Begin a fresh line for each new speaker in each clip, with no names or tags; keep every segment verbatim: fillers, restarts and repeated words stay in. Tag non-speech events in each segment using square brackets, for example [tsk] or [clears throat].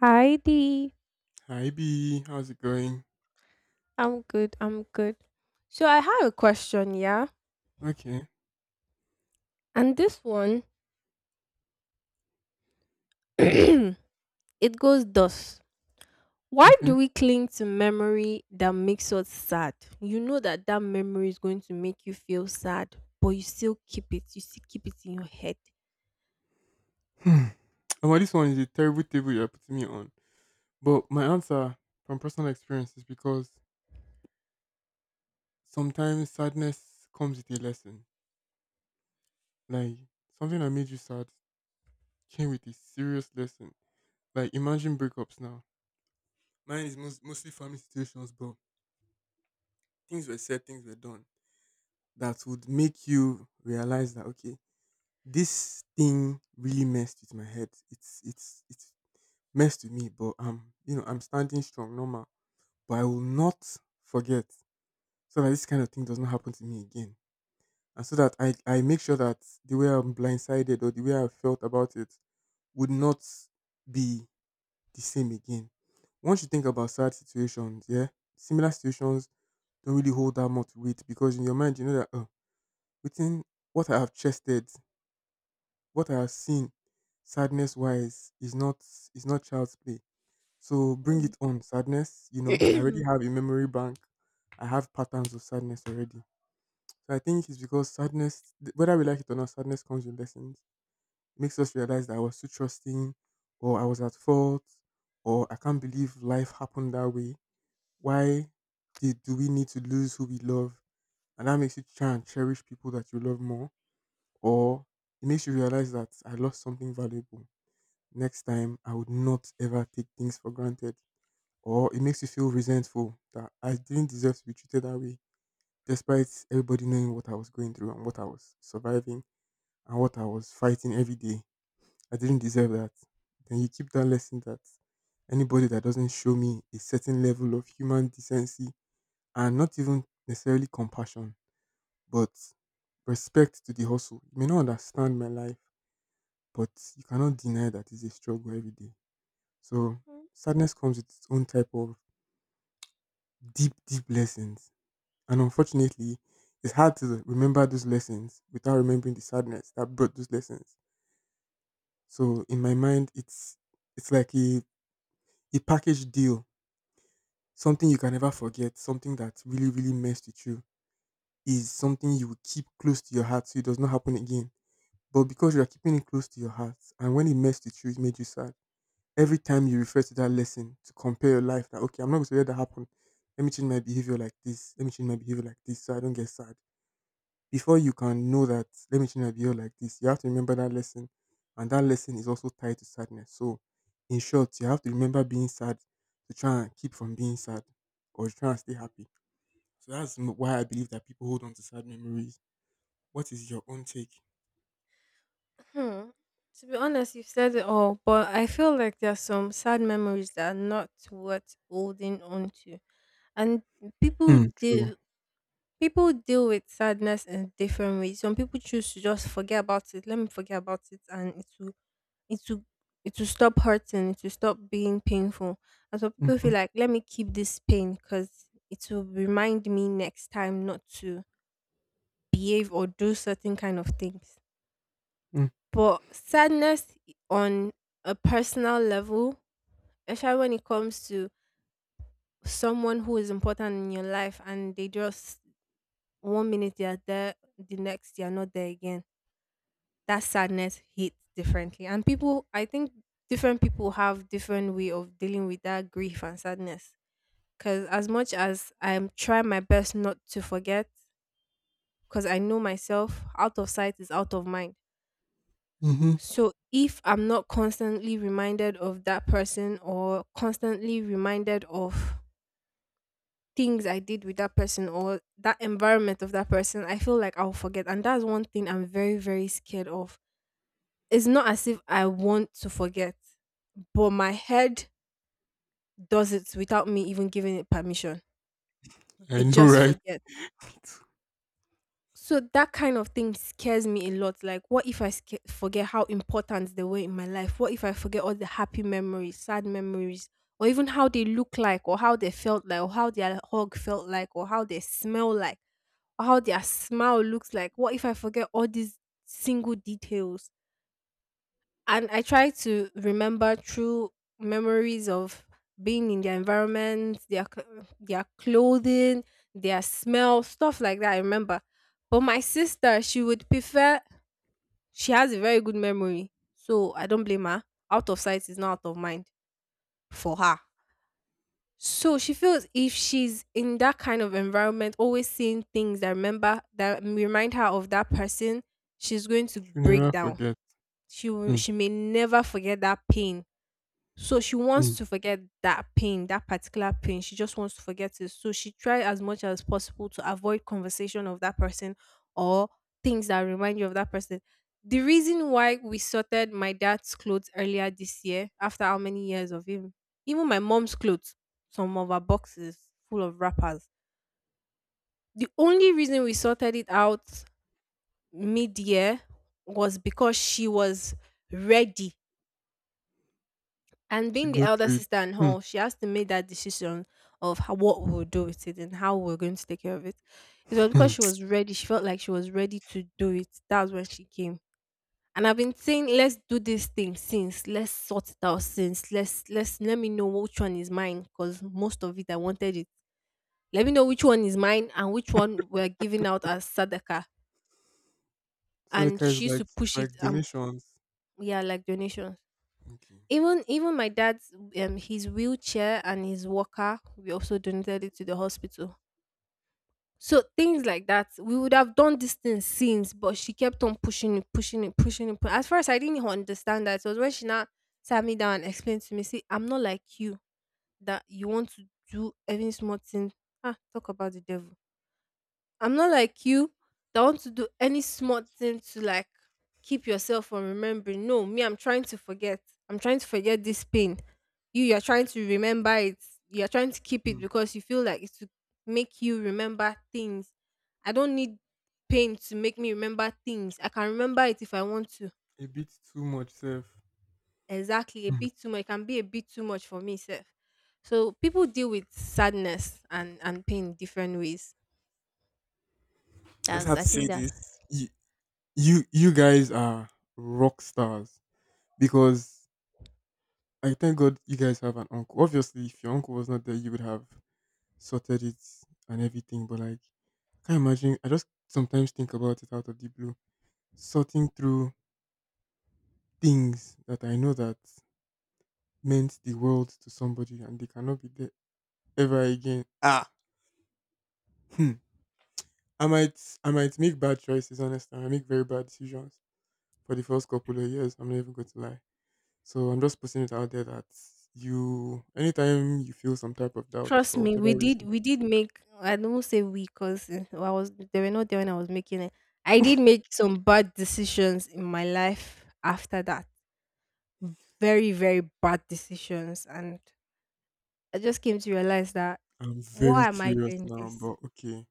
Hi Dee.
Hi B, how's it going?
I'm good. I'm good. So I have a question, yeah?
Okay,
And this one [clears throat] it goes thus. Why
okay.
do we cling to memory that makes us sad? You know that that memory is going to make you feel sad, but you still keep it. You still keep it in your head.
Hmm. And well, this one is a terrible table you're putting me on. But my answer from personal experience is because sometimes sadness comes with a lesson. Like something that made you sad came with a serious lesson. Like imagine breakups now. Mine is most, mostly family situations, but things were said, things were done that would make you realize that okay, this thing really messed with my head. It's it's it's messed with me, but I'm, you know, I'm standing strong, normal. But I will not forget, so that this kind of thing does not happen to me again, and so that I, I make sure that the way I'm blindsided or the way I felt about it would not be the same again. Once you think about sad situations, yeah, similar situations don't really hold that much weight because in your mind you know that oh, within what I have chested, what I have seen, sadness wise, is not is not child's play. So bring
Hmm.
it on, sadness. You know, I already have
[clears throat]
a memory bank. I have patterns of sadness already. So I think it's because sadness, th- whether we like it or not, sadness comes with lessons. It makes us realize that I was too trusting, or I was at fault, or I can't believe life happened that way. Why did, do we need to lose who we love? And that makes you try and cherish people that you love more, or it makes you realize that I lost something valuable. Next time, I would not ever take things for granted, or it makes you feel resentful that I didn't deserve to be treated that way, despite everybody knowing what I was going through and what I was surviving and what I was fighting every day. I didn't deserve that. Then you keep that lesson that anybody that doesn't show me a certain level of human decency and not even necessarily compassion, but respect to the hustle. You may not understand my life, but you cannot deny that it's a struggle every day. So
Mhm.
sadness comes with its own type of deep, deep lessons. And unfortunately, it's hard to remember those lessons without remembering the sadness that brought those lessons. So in my mind, it's it's like a, a package deal, something you can never forget. Something that really, really messed with you is something you will keep close to your heart so it does not happen again. But because you are keeping it close to your heart, and when it messed with you, it made you sad. Every time you refer to that lesson to compare your life, that okay, I'm not going to let that happen. Let me change my behavior like this. Let me change my behavior like this, so I don't get sad. Before you can know that let me change my behavior like this, you have to remember that lesson, and that lesson is also tied to sadness. So, in short, you have to remember being sad to try and keep from being sad, or try and stay happy. So that's m- why I believe that people hold on to sad memories. What is your own take?
Hmm. To be honest, you've said it all, but I feel like there are some sad memories that are not worth holding on to. And people
Hmm. True.
do People deal with sadness in different ways. Some people choose to just forget about it. Let me forget about it, and it will, it will, it will stop hurting. It will stop being painful. And some people
Mm-hmm.
feel like, let me keep this pain because it will remind me next time not to behave or do certain kind of things. But sadness on a personal level, especially when it comes to someone who is important in your life, and they just one minute they are there, the next they are not there again. That sadness hits differently. And people, I think different people have different way of dealing with that grief and sadness. Because as much as I'm trying my best not to forget, because I know myself, out of sight is out of mind.
Mm-hmm.
So if I'm not constantly reminded of that person or constantly reminded of things I did with that person or that environment of that person, I feel like I'll forget. And that's one thing I'm very, very scared of. It's not as if I want to forget. But my head does it without me even giving it permission.
I
It
know,
just
right?
forgets. So that kind of thing scares me a lot. Like, what if I sca- forget how important they were in my life? What if I forget all the happy memories, sad memories, or even how they look like, or how they felt like, or how their hug felt like, or how they smell like, or how their smile looks like? What if I forget all these single details? And I try to remember through memories of being in their environment, their cl- their clothing, their smell, stuff like that. I remember, but my sister, she would prefer. She has a very good memory, so I don't blame her. Out of sight is not out of mind for her. So she feels if she's in that kind of environment, always seeing things that remember that remind her of that person, she's going to
You
break
never
down.
forget.
She will,
Hmm.
she may never forget that pain. So she wants
Hmm.
to forget that pain, that particular pain. She just wants to forget it. So she tried as much as possible to avoid conversation of that person or things that remind you of that person. The reason why we sorted my dad's clothes earlier this year, after how many years of him, even my mom's clothes, some of her boxes full of wrappers. The only reason we sorted it out mid year was because she was ready. And
It's a
being the
good
elder
treat.
sister and
Hmm.
all, she has to make that decision of how, what we'll do with it and how we're going to take care of it. It was
Hmm.
because she was ready. She felt like she was ready to do it. That's when she came. And I've been saying, let's do this thing since. Let's sort it out since. Let's let's let me know which one is mine because most of it I wanted it. Let me know which one is mine and which one we're giving out as sadaka. And
Sadaka is
she used
like,
to
it's
push it
like
and
donations.
yeah, like donations.
Okay.
even even my dad's um his wheelchair and his walker, we also donated it to the hospital. So things like that, we would have done these things since, but she kept on pushing it, pushing it, pushing it pu- at first I didn't understand. That it was when she now sat me down and explained to me, see, I'm not like you that you want to do every small thing. Ah, talk about the devil. I'm not like you that want to do any smart thing to like keep yourself from remembering. No, me, I'm trying to forget. I'm trying to forget this pain. You, you're trying to remember it. You're trying to keep it
Hmm.
because you feel like it's to make you remember things. I don't need pain to make me remember things. I can remember it if I want to.
A bit too much, self.
Exactly. A bit too much. It can be a bit too much for me, self. So people deal with sadness and, and pain different ways.
I just
That's
have
I
to
think
say
that
this. You, you, you guys are rock stars because I thank God you guys have an uncle. Obviously, if your uncle was not there, you would have sorted it and everything. But like, I can't imagine. I just sometimes think about it out of the blue, sorting through things that I know that meant the world to somebody, and they cannot be there ever again. Ah, hmm. I might, I might make bad choices. Honestly, I make very bad decisions for the first couple of years. I'm not even going to lie. So I'm just putting it out there that you, anytime you feel some type of doubt
trust
for
me,
whatever
we did
reason.
we did make, I don't say we because I was they were not there when I was making it. I did make some bad decisions in my life after that. Very, very bad decisions. And I just came to realize that,
I'm very
why am I
curious
doing
now,
this?
but okay.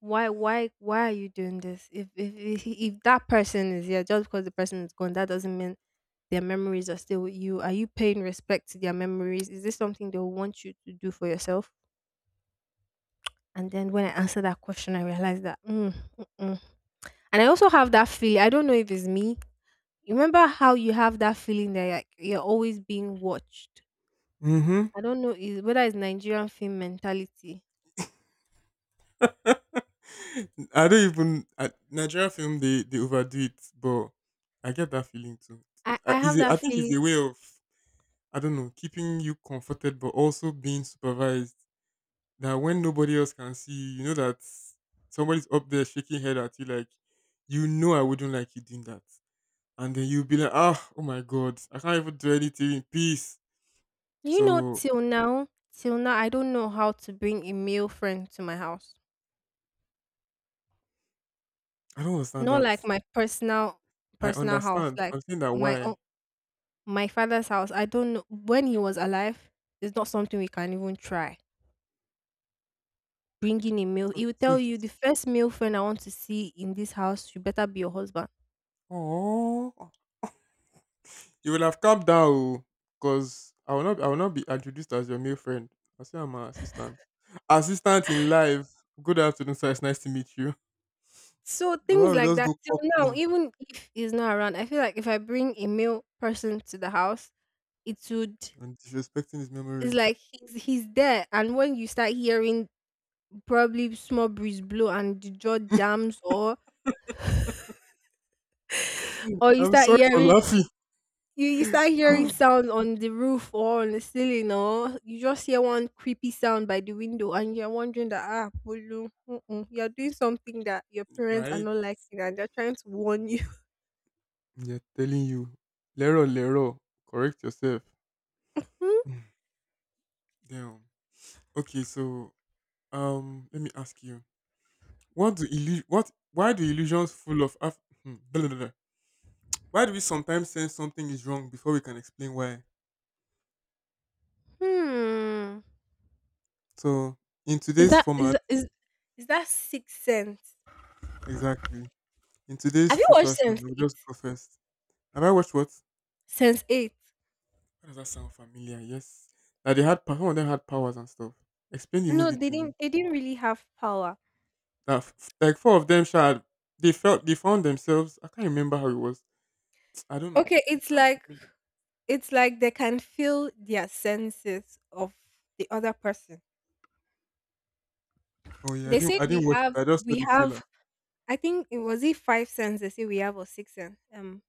Why why why are you doing this? If if if, if that person is here, just because the person is gone, that doesn't mean their memories are still with you. Are you paying respect to their memories? Is this something they want you to do for yourself? And then when I answered that question, I realized that, mm, mm-mm. And I also have that feeling. I don't know if it's me. You remember how you have that feeling that like, you're always being watched.
Hmm.
I don't know is whether it's Nigerian film mentality.
[laughs] I don't even, I, Nigerian film, they, they overdo it, but I get that feeling too.
I
I,
I
is
have
a, I
that
think it's
feeling.
a way of, I don't know, keeping you comforted, but also being supervised. That when nobody else can see you, you know that somebody's up there shaking head at you like, you know I wouldn't like you doing that. And then you'll be like, ah, oh my god, I can't even do anything in peace.
You know,
So
till now, till now, I don't know how to bring a male friend to my house.
I don't understand
Not
that.
like my personal
I
personal house,
understand.
like
I'm saying that
my own,
why.
my father's house. I don't know, when he was alive, it's not something we can even try bringing a meal.
So,
He will
so
tell you, the
he's
first male friend I want to see in this house should better be your husband.
oh, you will have calmed down, because I will not. I will not be introduced as your male friend. I say I'm an assistant. Assistant in life. Good afternoon, sir. It's nice to meet you.
So
Baba
things
will
like
just
that.
go
Till
cock
now,
gun
even if he's not around, I feel like if I bring a male person to the house, it would,
and disrespecting his
it's
memory.
like he's he's there. And when you start hearing probably small breeze blow and the jaw jams, or or you
I'm
start
sorry for
hearing,
laughing.
you, you start hearing
[gasps]
sound on the roof or on the ceiling, or you just hear one creepy sound by the window, and you're wondering that, ah, Bolu, mm-mm, you're doing something that your parents are
Right?
not liking and they're trying to warn you.
They're telling you, Lero, Lero, correct yourself. Mm. Damn. Okay, so um, let me ask you, what do illu- what why do illusions full of af- hmm, blah, blah, blah. Why do we sometimes sense something is wrong before we can explain why?
[laughs] Hmm.
So in
is
today's
that is
format,
that- is is that sixth sense?
exactly, in today's
Have you
true
watched
fashion,
sense
we will
eight
just go first. Have I watched what?
Sense eight?
Why does that sound familiar? Yes, that they had pa- some of them had powers and stuff. Explain the
No,
movie
they
to me.
didn't they didn't really have power.
That f- like four of them shall they felt they found themselves. I can't remember how it was. [tsk] I don't know.
Okay,
It
it's
sounds
like
familiar.
it's like they can feel their senses of the other person.
Oh yeah, I
They
didn't
said
I
we
didn't watch it.
have
I just saw
we
the
have
trailer.
I think it was it five senses they say we have, or six sense. Um,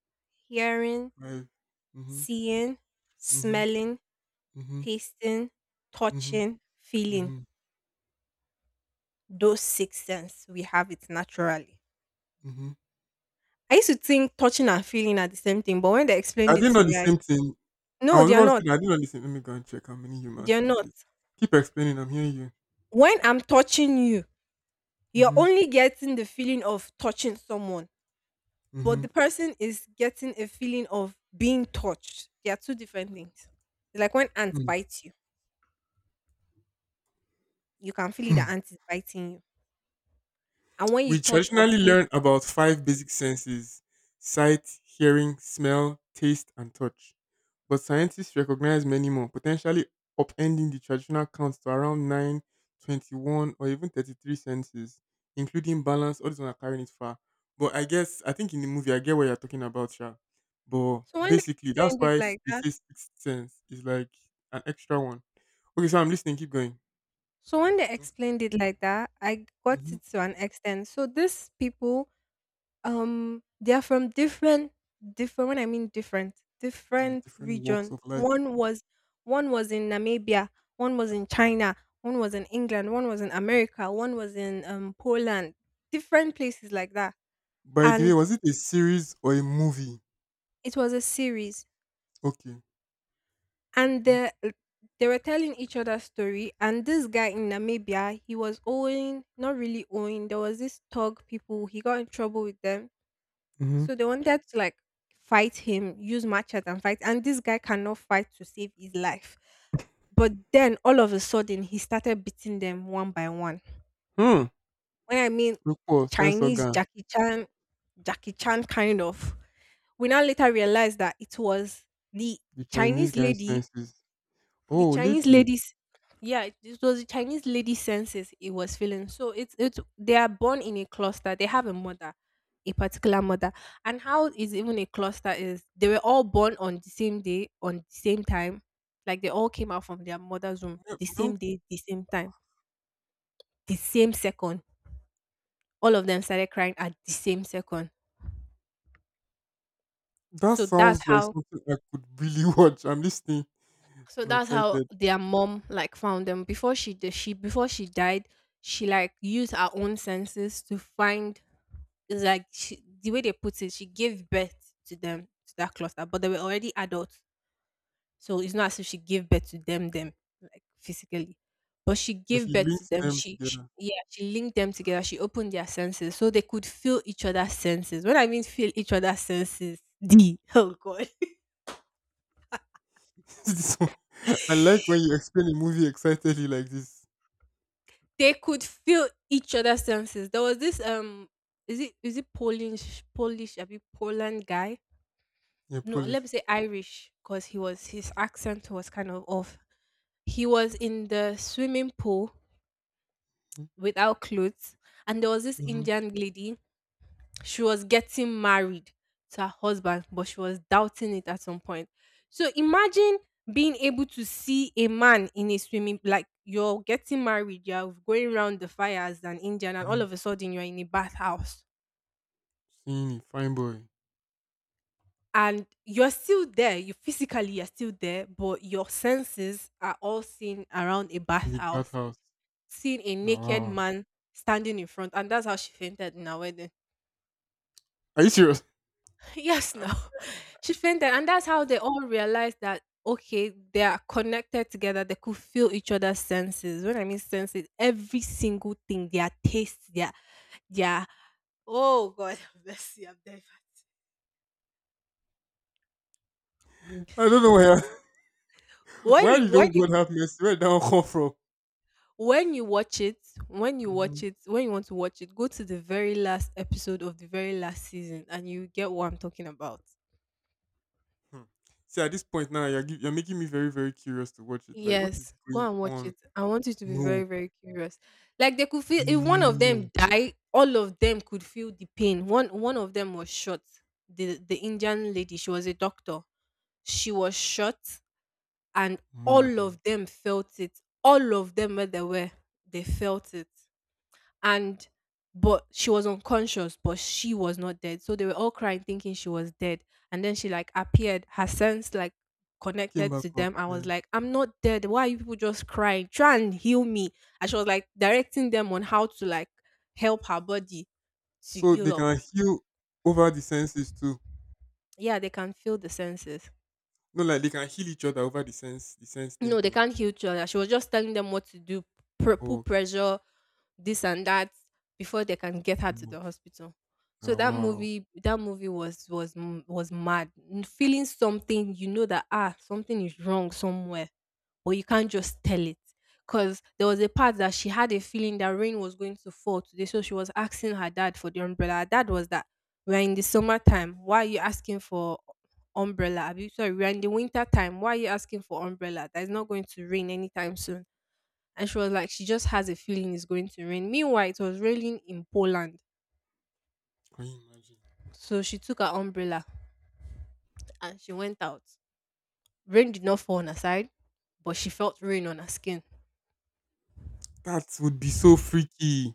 hearing,
Right. Mhm.
seeing,
Mhm.
smelling,
Mhm.
tasting,
Mhm.
touching, feeling.
Mhm.
Those six senses we have it naturally.
Mhm.
I used to think touching and feeling are the same thing, but when they
I
explained it
didn't know
to
the
me, I,
same thing. I
no,
was
they are
about to say
not.
that I didn't know the same. Let me go and check how many human
They are not.
senses. Keep explaining. I'm hearing you.
When I'm touching you, you're
Mhm.
only getting the feeling of touching someone, but
Mhm.
the person is getting a feeling of being touched. They are two different things. It's like when ants
Mm.
bite you, you can feel it, the
[laughs]
ant is biting you. And when you
We
touch or
traditionally
pinch,
learn about five basic senses: sight, hearing, smell, taste, and touch. But scientists recognize many more, potentially upending the traditional counts to around nine, twenty-one, or even thirty-three senses, including balance. All these ones are carrying it far. But I guess, I think in the movie, I get what you're talking about, Sha. But
so when they
basically, that's
explained it
why s-
like
they
that
say sixth sense is like an extra one. Okay, so I'm listening. Keep going.
so when they
Don't stop.
explained it like that, I got
Hmm.
it to an extent. So these people, um, they are from different, different. When I mean different,
Yeah,
different
different walks
region.
of life.
One was, one was, in Namibia, one was in China, one was in England, one was in America, one was in um Poland, different places like that.
By the way,
And
was it a series or a movie?
it was a series.
Okay.
And the, they were telling each other story, and this guy in Namibia, he was owing, not really owing, there was this thug people he got in trouble with them,
Mm-hmm.
so they wanted to like fight him, use matches and fight, and this guy cannot fight to save his life, but then all of a sudden he started beating them one by one.
Hmm.
When I mean,
Look for sense
Chinese,
organ.
Jackie Chan, Jackie Chan kind of. We now later realized that it was the
The Chinese
Chinese
guy's
lady,
senses.
the
Oh,
Chinese
lady.
ladies. Yeah, it it was the Chinese lady senses, it was feeling. So it's it's they are born in a cluster. They have a mother, a particular mother, and how is even a cluster is they were all born on the same day, on the same time, like they all came out from their mother's womb
Yeah,
the same
well,
day, the same time, the same second. All of them started crying at the same second.
that
So that's
sounds like
how,
something I could really [laughs] watch. I'm listening.
So
I'm
that's how
excited.
their mom like found them. Before she did, she before she died, she like used her own senses to find. It's like she, the way they put it, she gave birth to them to that cluster, but they were already adults, so it's not as if she gave birth to them them like physically, but she
But
gave
she
birth to
links
them.
them
She, she
together.
yeah, she linked them together. She opened their senses so they could feel each other's senses. When I mean feel each other's senses, [laughs] D oh God,
[laughs] This I like when you explain a movie excitedly like this.
they could feel each other's senses. There was this um is it is it Polish Polish a Poland guy?
Yeah,
No, let
Polish.
me say Irish because he was his accent was kind of off. He was in the swimming pool without clothes, and there was this
Mm-hmm.
Indian lady. She was getting married to her husband, but she was doubting it at some point. So imagine being able to see a man in a swimming, like you're getting married, you're going around the fire as an Indian, and all
Mm-hmm.
of a sudden you're in a bathhouse.
Seeing a fine boy
And you're still there. You physically you're still there, but your senses are all seen around a
in the
bathhouse,
bathhouse.
seeing a
Now,
naked
wow.
man standing in front, and that's how she fainted in her wedding.
Are you serious?
Yes, no. [laughs] She fainted. And that's how they all realized that, okay, they are connected together. They could feel each other's senses. When I mean senses, every single thing, their taste, their, their, oh God, [laughs] bless you. I'm dead.
[laughs] I don't know where. [laughs]
When
Where
you,
did
when
old God
you,
have mercy? Where did that one come from?
when you watch it, when you
Hmm.
watch it, when you want to watch it, go to the very last episode of the very last season and you get what I'm talking about.
Hmm. See, at this point now, you're giv you're making me very, very curious to watch it. Like, what is
Yes, go
going
and watch
on?
it. I want you to be
No,
very, very curious. Like they could feel if one
no,
of
no,
them die, all of them could feel the pain. One one of them was shot. The the Indian lady, she was a doctor. She was shot and
mad.
all
Oh.
of them felt it. All of them where they were, they felt it, and but she was unconscious, but she was not dead, so they were all crying thinking she was dead. And then she like appeared her sense like
Came
connected
back
to
up,
them. I was
yeah.
like, I'm not dead, why are you people just crying? Try and heal me. And she was like directing them on how to like help her body to
So they
heal up.
can heal over the senses too.
Yeah, they can feel the senses.
No, like they can heal each other over the sense, the sense thing
No, they
Thing.
can't heal each other. She was just telling them what to do, pr-
Oh,
put
okay.
pressure, this and that, before they can get her to
Mm.
the hospital. So
Ah,
that
wow.
movie, that movie was was m- was mad. N- feeling something, you know that ah something is wrong somewhere, but you can't just tell it. Cause there was a part that she had a feeling that rain was going to fall today, so she was asking her dad for the umbrella. Her dad was that, we're in the summertime. Why are you asking for umbrella? Abi, sorry, we're in the winter time. Why are you asking for umbrella? That is not going to rain anytime soon. And she was like, she just has a feeling it's going to rain. Meanwhile, it was raining in Poland.
Can you imagine?
So she took her umbrella and she went out. Rain did not fall on her side, but she felt rain on her skin.
That would be so freaky.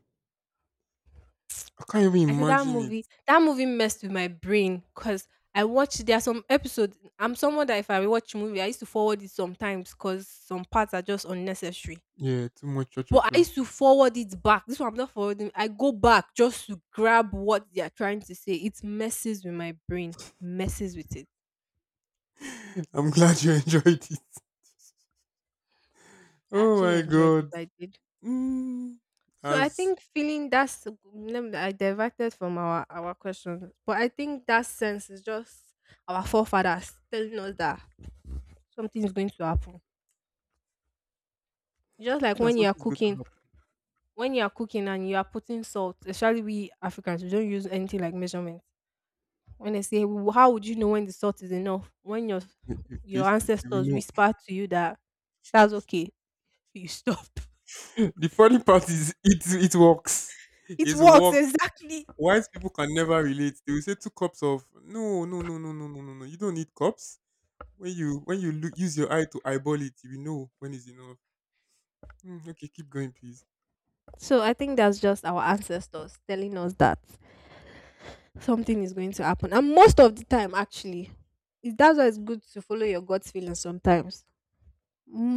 I can't even
I said that
imagine it.
movie, that movie messed with my brain because I watched there are some episodes. I'm someone that if I watch a movie, I used to forward it sometimes because some parts are just unnecessary.
Yeah, too much cho cho
But I
cho.
used to forward it back. This one I'm not forwarding. I go back just to grab what they are trying to say. It messes with my brain, messes with it.
[laughs] I'm glad you [laughs] enjoyed it.
I
Oh
actually
my
enjoyed it.
god.
I did.
Mm.
So I
As
think feeling that's lem- I diverted from our our question, but I think that sense is just our forefathers telling us that something is going to happen. Just like
soon as
when you are
something's going to
cooking,
happen,
when you are cooking and you are putting salt, especially we Africans, we don't use anything like measurement. When they say, "W- how would you know when the salt is enough?" When your
you, you
your
taste it, you will
ancestors
know.
whisper to you that that's okay, you stop. [laughs]
[laughs] The funny part is it it works.
It
It
works
works.
exactly.
Wise people can never relate. They will say two cups of no, no, no, no, no, no, no, no. You don't need cups. When you when you look, use your eye to eyeball it, you will know when is enough. Mm, okay, keep going, please.
So I think that's just our ancestors telling us that something is going to happen, and most of the time, actually, it- that's why it's good to follow your gut feeling sometimes.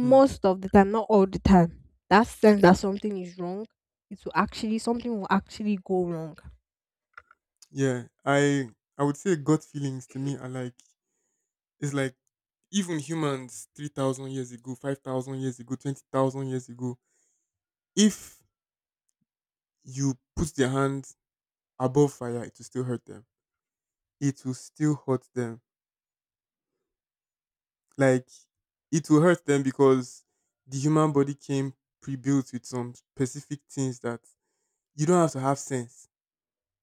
Hmm.
of the time, not all the time. That sense that something is wrong, it will actually something will actually go wrong.
Yeah, I I would say gut feelings to me are like it's like even humans three thousand years ago, five thousand years ago, twenty thousand years ago. If you put their hand above fire, it will still hurt them. It will still hurt them. Like it will hurt them because the human body came pre-built with some specific things that you don't have to have sense.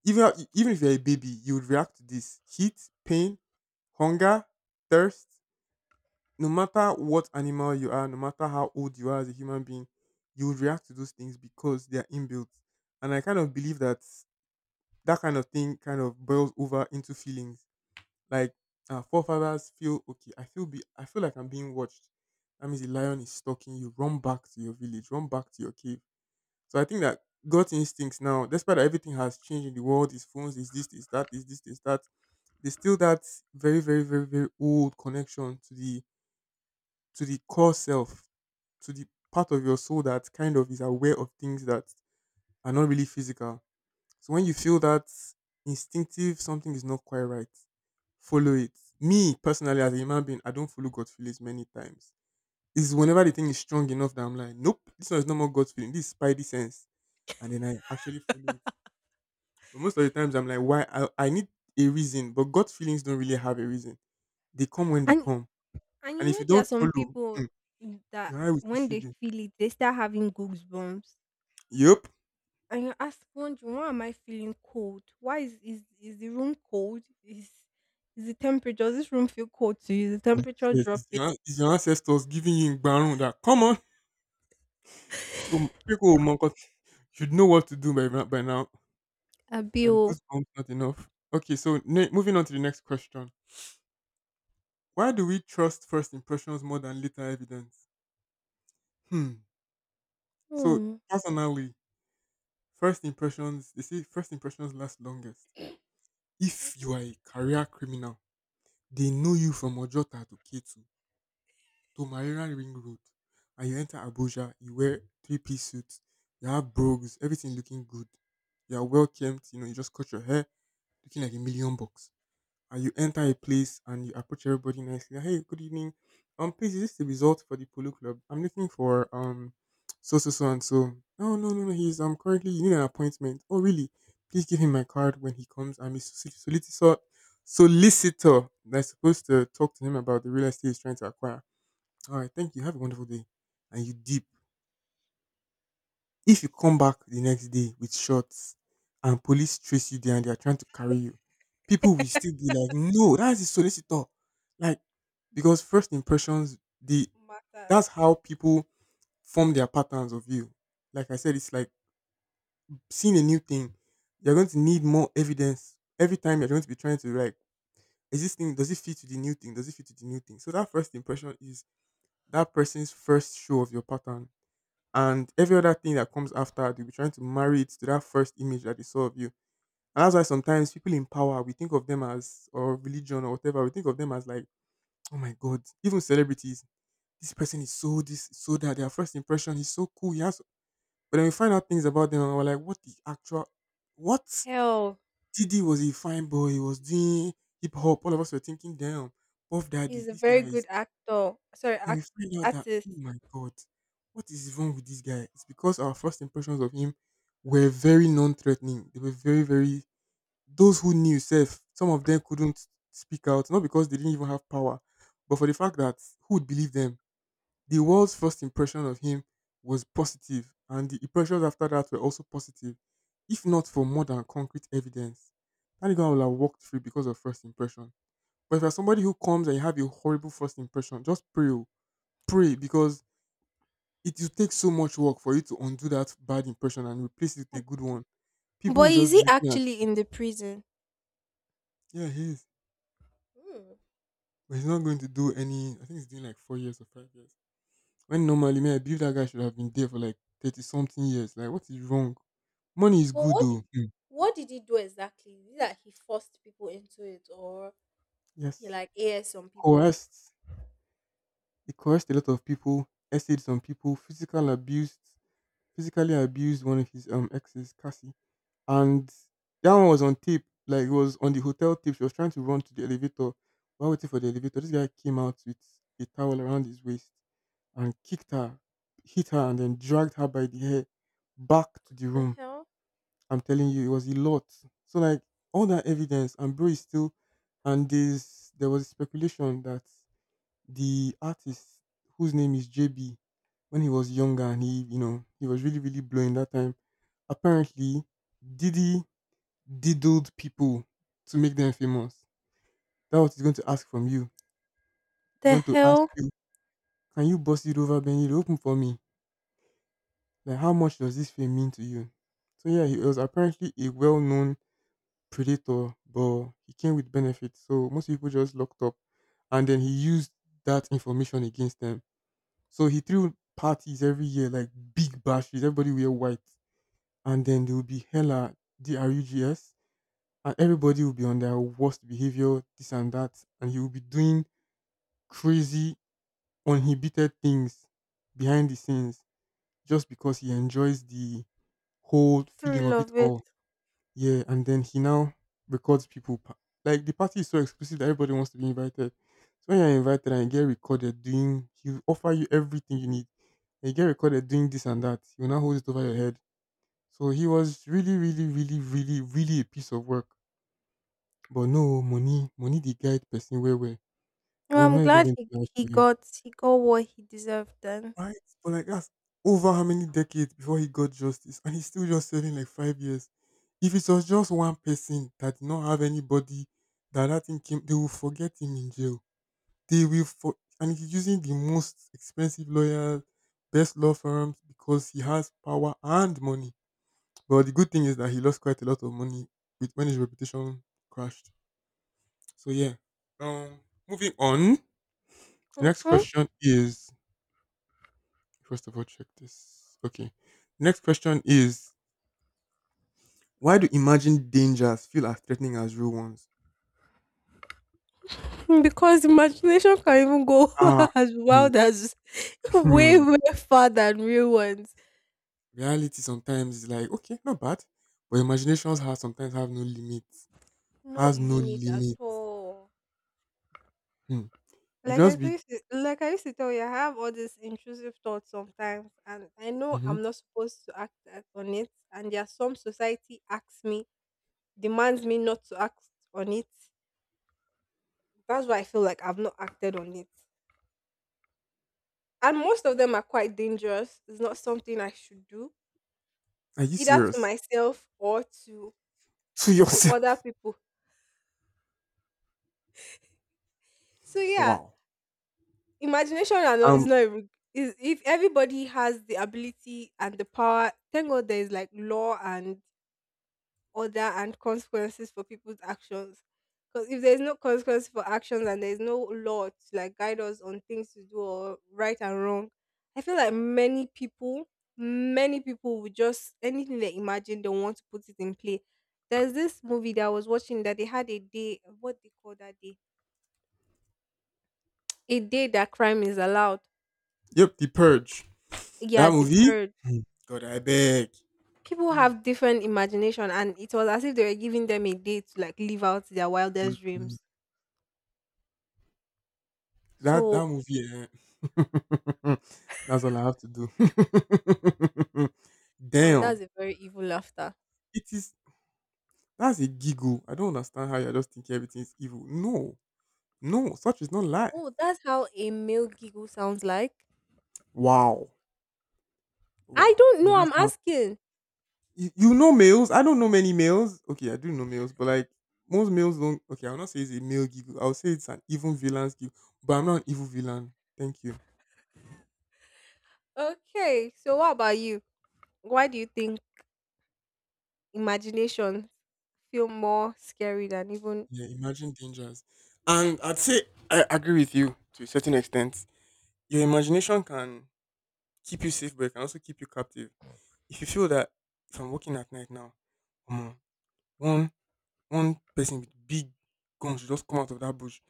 Even even if you're a baby, you would react to this heat, pain, hunger, thirst. No matter what animal you are, no matter how old you are as a human being, you would react to those things because they are inbuilt. And I kind of believe that that kind of thing kind of boils over into feelings like our forefathers feel. Okay, i feel be I feel like I'm being watched. That means the lion is stalking. You run back to your village, run back to your cave. So I think that gut instincts now, despite that everything has changed in the world, is phones, is this, is that, is this, is that, there's still that very, very, very, very old connection to the to the core self, to the part of your soul that kind of is aware of things that are not really physical. So when you feel that instinctive something is not quite right, follow it. Me personally, as a human being, I don't follow God's feelings many times. It's whenever the thing is strong enough that I'm like, nope, this one is not more God's feeling, this is spidey sense, and then I actually follow it. But most of the times, I'm like, why? I, I need a reason, but God's feelings don't really have a reason. They come when they
And
come,
and
and
you
if
know
you
there are
don't
some
follow,
people
hmm,
that
your eye will still
when
shoot
they
you.
feel it, they start having goosebumps.
Yup.
And you ask one, why am I feeling cold? Why is is, is the room cold? Is is the temperature, does this room feel cold to you? Is the temperature
Yes, it's
dropping?
your, it's your ancestors giving you in that. Come on, [laughs] people will monk up. You should know what to do by, by now.
A
Are the
bill.
goosebumps not enough? Okay, so ne- moving on to the next question. Why do we trust first impressions more than later evidence? Hmm. So
Hmm.
personally, first impressions, they say first impressions last longest. If
Mm-hmm.
you are a career criminal, they know you from Ojota to Ketu to Marina Ring Road, and you enter Abuja, you wear three-piece suits, you have brogues, everything looking good, you are well kempt, you know, you just cut your hair, looking like a million bucks, and you enter a place and you approach everybody nicely. Hey, good evening. Um, please, is this the result for the polo club? I'm looking for um so so so and so. No, no, no, no. He's um currently you need an appointment. Oh, really? Please give him my card when he comes. I'm a solic- solicitor, solicitor that's supposed to talk to him about the real estate he's trying to acquire. All right, thank you. Have a wonderful day. And you deep, if you come back the next day with shorts and police trace you there and they are trying to carry you, people will still be like, no, that's the solicitor. Like, because first impressions, the
Matters.
that's how people form their patterns of you. Like I said, it's like seeing a new thing. You're going to need more evidence. Every time you're going to be trying to like, is this thing, does it fit to the new thing? Does it fit to the new thing? So that first impression is that person's first show of your pattern, and every other thing that comes after, they'll be trying to marry it to that first image that they saw of you. And that's why sometimes people in power, we think of them as, or religion or whatever, we think of them as like, oh my god, even celebrities, this person is so this, so that. Their first impression is so cool, he has so, but then we find out things about them and we're like, what the actual what.
Hell.
TD was a fine boy. He was doing hip-hop, all of us were thinking, damn, Puff Daddy,
He's a
this
very
guy is.
good actor. Sorry,
Then we
act-
find out that, oh
artist.
my God, what is wrong with this guy? It's because our first impressions of him were very non threatening. They were very, very, those who knew self, some of them couldn't speak out, not because they didn't even have power, but for the fact that who would believe them? The world's first impression of him was positive, and the impressions after that were also positive, if not for more than concrete evidence. That guy will have walked free because of first impression. But if you're somebody who comes and you have a horrible first impression, just pray, oh, pray, because it will take so much work for you to undo that bad impression and replace it with a good one. People will
But is
just be
he
looking at,
actually in the prison?
yeah, he is.
Hmm.
But he's not going to do any, I think he's doing like four years or five years. When normally, man, I believe that guy should have been there for like thirty something years. Like, what is wrong? Money is
But
good
what di-
though. Hmm.
what did he do exactly? Is it that he forced people into it, or he
Yes.
like aired some people?
Coerced. He coerced a lot of people, essayed some people, physical abused, physically abused one of his um exes, Cassie. And that one was on tip. Like it was on the hotel tip. She was trying to run to the elevator. While waiting for the elevator, this guy came out with a towel around his waist and kicked her, hit her, and then dragged her by the hair back to the
The
room.
hell?
I'm telling you, it was a lot. So like all that evidence, and bro is still, and this there was speculation that the artist whose name is J B, when he was younger and he, you know, he was really really blowing that time. Apparently, Diddy diddled people to make them famous. That's what he's going to ask from you. He's
The
going to ask
hell?
you, can you bust it over Benny to open for me? Like, how much does this fame mean to you? So yeah, he was apparently a well-known predator, but he came with benefits. So most people just locked up, and then he used that information against them. So he threw parties every year, like big bashes. Everybody wear white, and then there would be hella drugs, and everybody will be on their worst behavior, this and that, and you will be doing crazy, uninhibited things behind the scenes, just because he enjoys the whole feeling
Thrill
of it
of
all.
it.
Yeah, and then he now records people. pa- Like the party is so exclusive that everybody wants to be invited. So when you're invited and you get recorded doing, he'll offer you everything you need. And you get recorded doing this and that. You'll now hold it over your head. So he was really, really, really, really, really a piece of work. But no oh, money money the guide person where where.
Well,
I'm
I'm
not even
glad
going
he
to lie
he
for you.
got he got what he deserved then.
Right? But like that's over how many decades before he got justice, and he's still just serving like five years. If it was just one person that did not have anybody, that that thing came, they will forget him in jail. They will for, and he's using the most expensive lawyers, best law firms because he has power and money. But the good thing is that he lost quite a lot of money with when his reputation crashed. So yeah. Um moving on. The next
Hmm.
question is, first of all, check this. Okay. The next question is, why do imagined dangers feel as threatening as real ones?
Because imagination can even go
Ah,
[laughs] as
hmm,
wild as [laughs] way
hmm.
way far than real ones.
Reality sometimes is like okay, not bad, but imaginations have sometimes have no limit.
No
Has no
limit at
limit.
all.
Hmm. You
Like I
just be.
used to, like I used to tell you, I have all these intrusive thoughts sometimes, and I know
Mhm.
I'm not supposed to act at- on it. And there are some society asks me, demands me not to act on it. That's why I feel like I've not acted on it. And most of them are quite dangerous. It's not something I should do
Are you
either to
serious?
myself or to
To
to other
yourself. [laughs]
people. So yeah,
Wow.
imagination are not, is
Um.
not a reg- is if everybody has the ability and the power. Thank God there is like law and order and consequences for people's actions. Because if there's no consequence for actions and there's no law to like guide us on things to do or right and wrong, I feel like many people, many people would just anything they imagine they want to put it in play. There's this movie that I was watching that they had a day, what they call that day, a day that crime is allowed.
Yep. The Purge.
Yeah,
That
the
movie.
purge.
Hmm. God, I beg.
People have different imagination, and it was as if they were giving them a day to like live out their wildest
Hmm.
dreams.
That that
So
movie, eh, [laughs] that's all I have to do. [laughs]
now
Damn,
that's a very evil laughter.
it is. That's a giggle. I don't understand how you're just thinking everything is evil. No, no, such is not life.
Oh, that's how a male giggle sounds like.
Wow,
I
wow.
don't
No,
know.
that's
I'm
how,
asking.
you, you know males. I don't know many males. Okay, I do know males, but like most males don't. Okay, I'll not say it's a male giggle. I'll say it's an evil villain's giggle. But I'm not an evil villain. Thank you.
Okay, so what about you? Why do you think imagination feel more scary than even
Yeah, imagine dangers. And I'd say I agree with you to a certain extent. Your imagination can keep you safe, but it can also keep you captive. If you feel that if I'm working at night now, omo, one one person with big guns should just come out of that bush,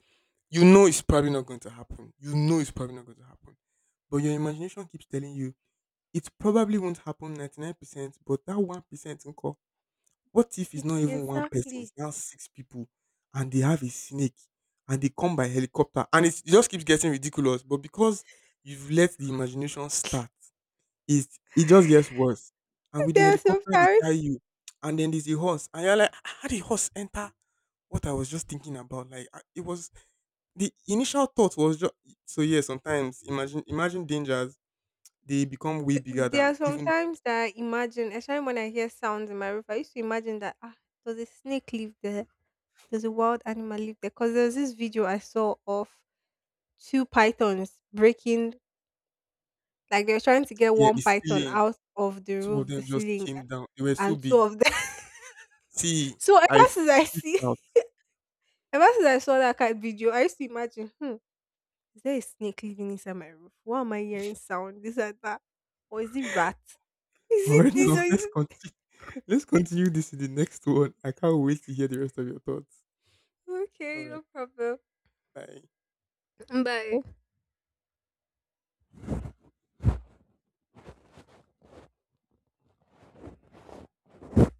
you know it's probably not going to happen. You know it's probably not going to happen. But your imagination keeps telling you it probably won't happen ninety-nine percent, but that one percent nko, what if it's
it-
not even one person, it's
exactly?
now six people and they have a snake and they come by helicopter, and it's, it just keeps getting ridiculous. But because you've let the imagination start, it it just gets worse. And with the
There are
helicopter, they tie
sometimes
you. And then there's a horse. And you're like, "Ah, how did horse enter what I was just thinking about?" Like, I- it was the initial thought was just so, yeah, sometimes imagine imagine dangers, they become way bigger
there are
than even,
sometimes that I imagine, especially when I hear sounds in my roof, I used to imagine that ah, does a snake live there? Does a wild animal live there? Because there's this video I saw of two pythons breaking, like they were trying to get
yeah,
one
the
python
ceiling.
out of the
Two of
roof, the
them just
ceiling, a-
came down. They were so
and two
big.
of them. [laughs]
See,
So
I
ever since I
freaked
see,
out.
[laughs] ever since I saw that cat video, I used to imagine, hmm, is there a snake living inside my roof? Why am I hearing sound? This and that, or is it rat? [laughs]
[laughs]
Is
All
it
right,
this or
now [laughs]
is
let's
it?
continue. Let's continue this in the next one. I can't wait to hear the rest of your thoughts. All
Okay,
right,
no problem.
bye.
Bye.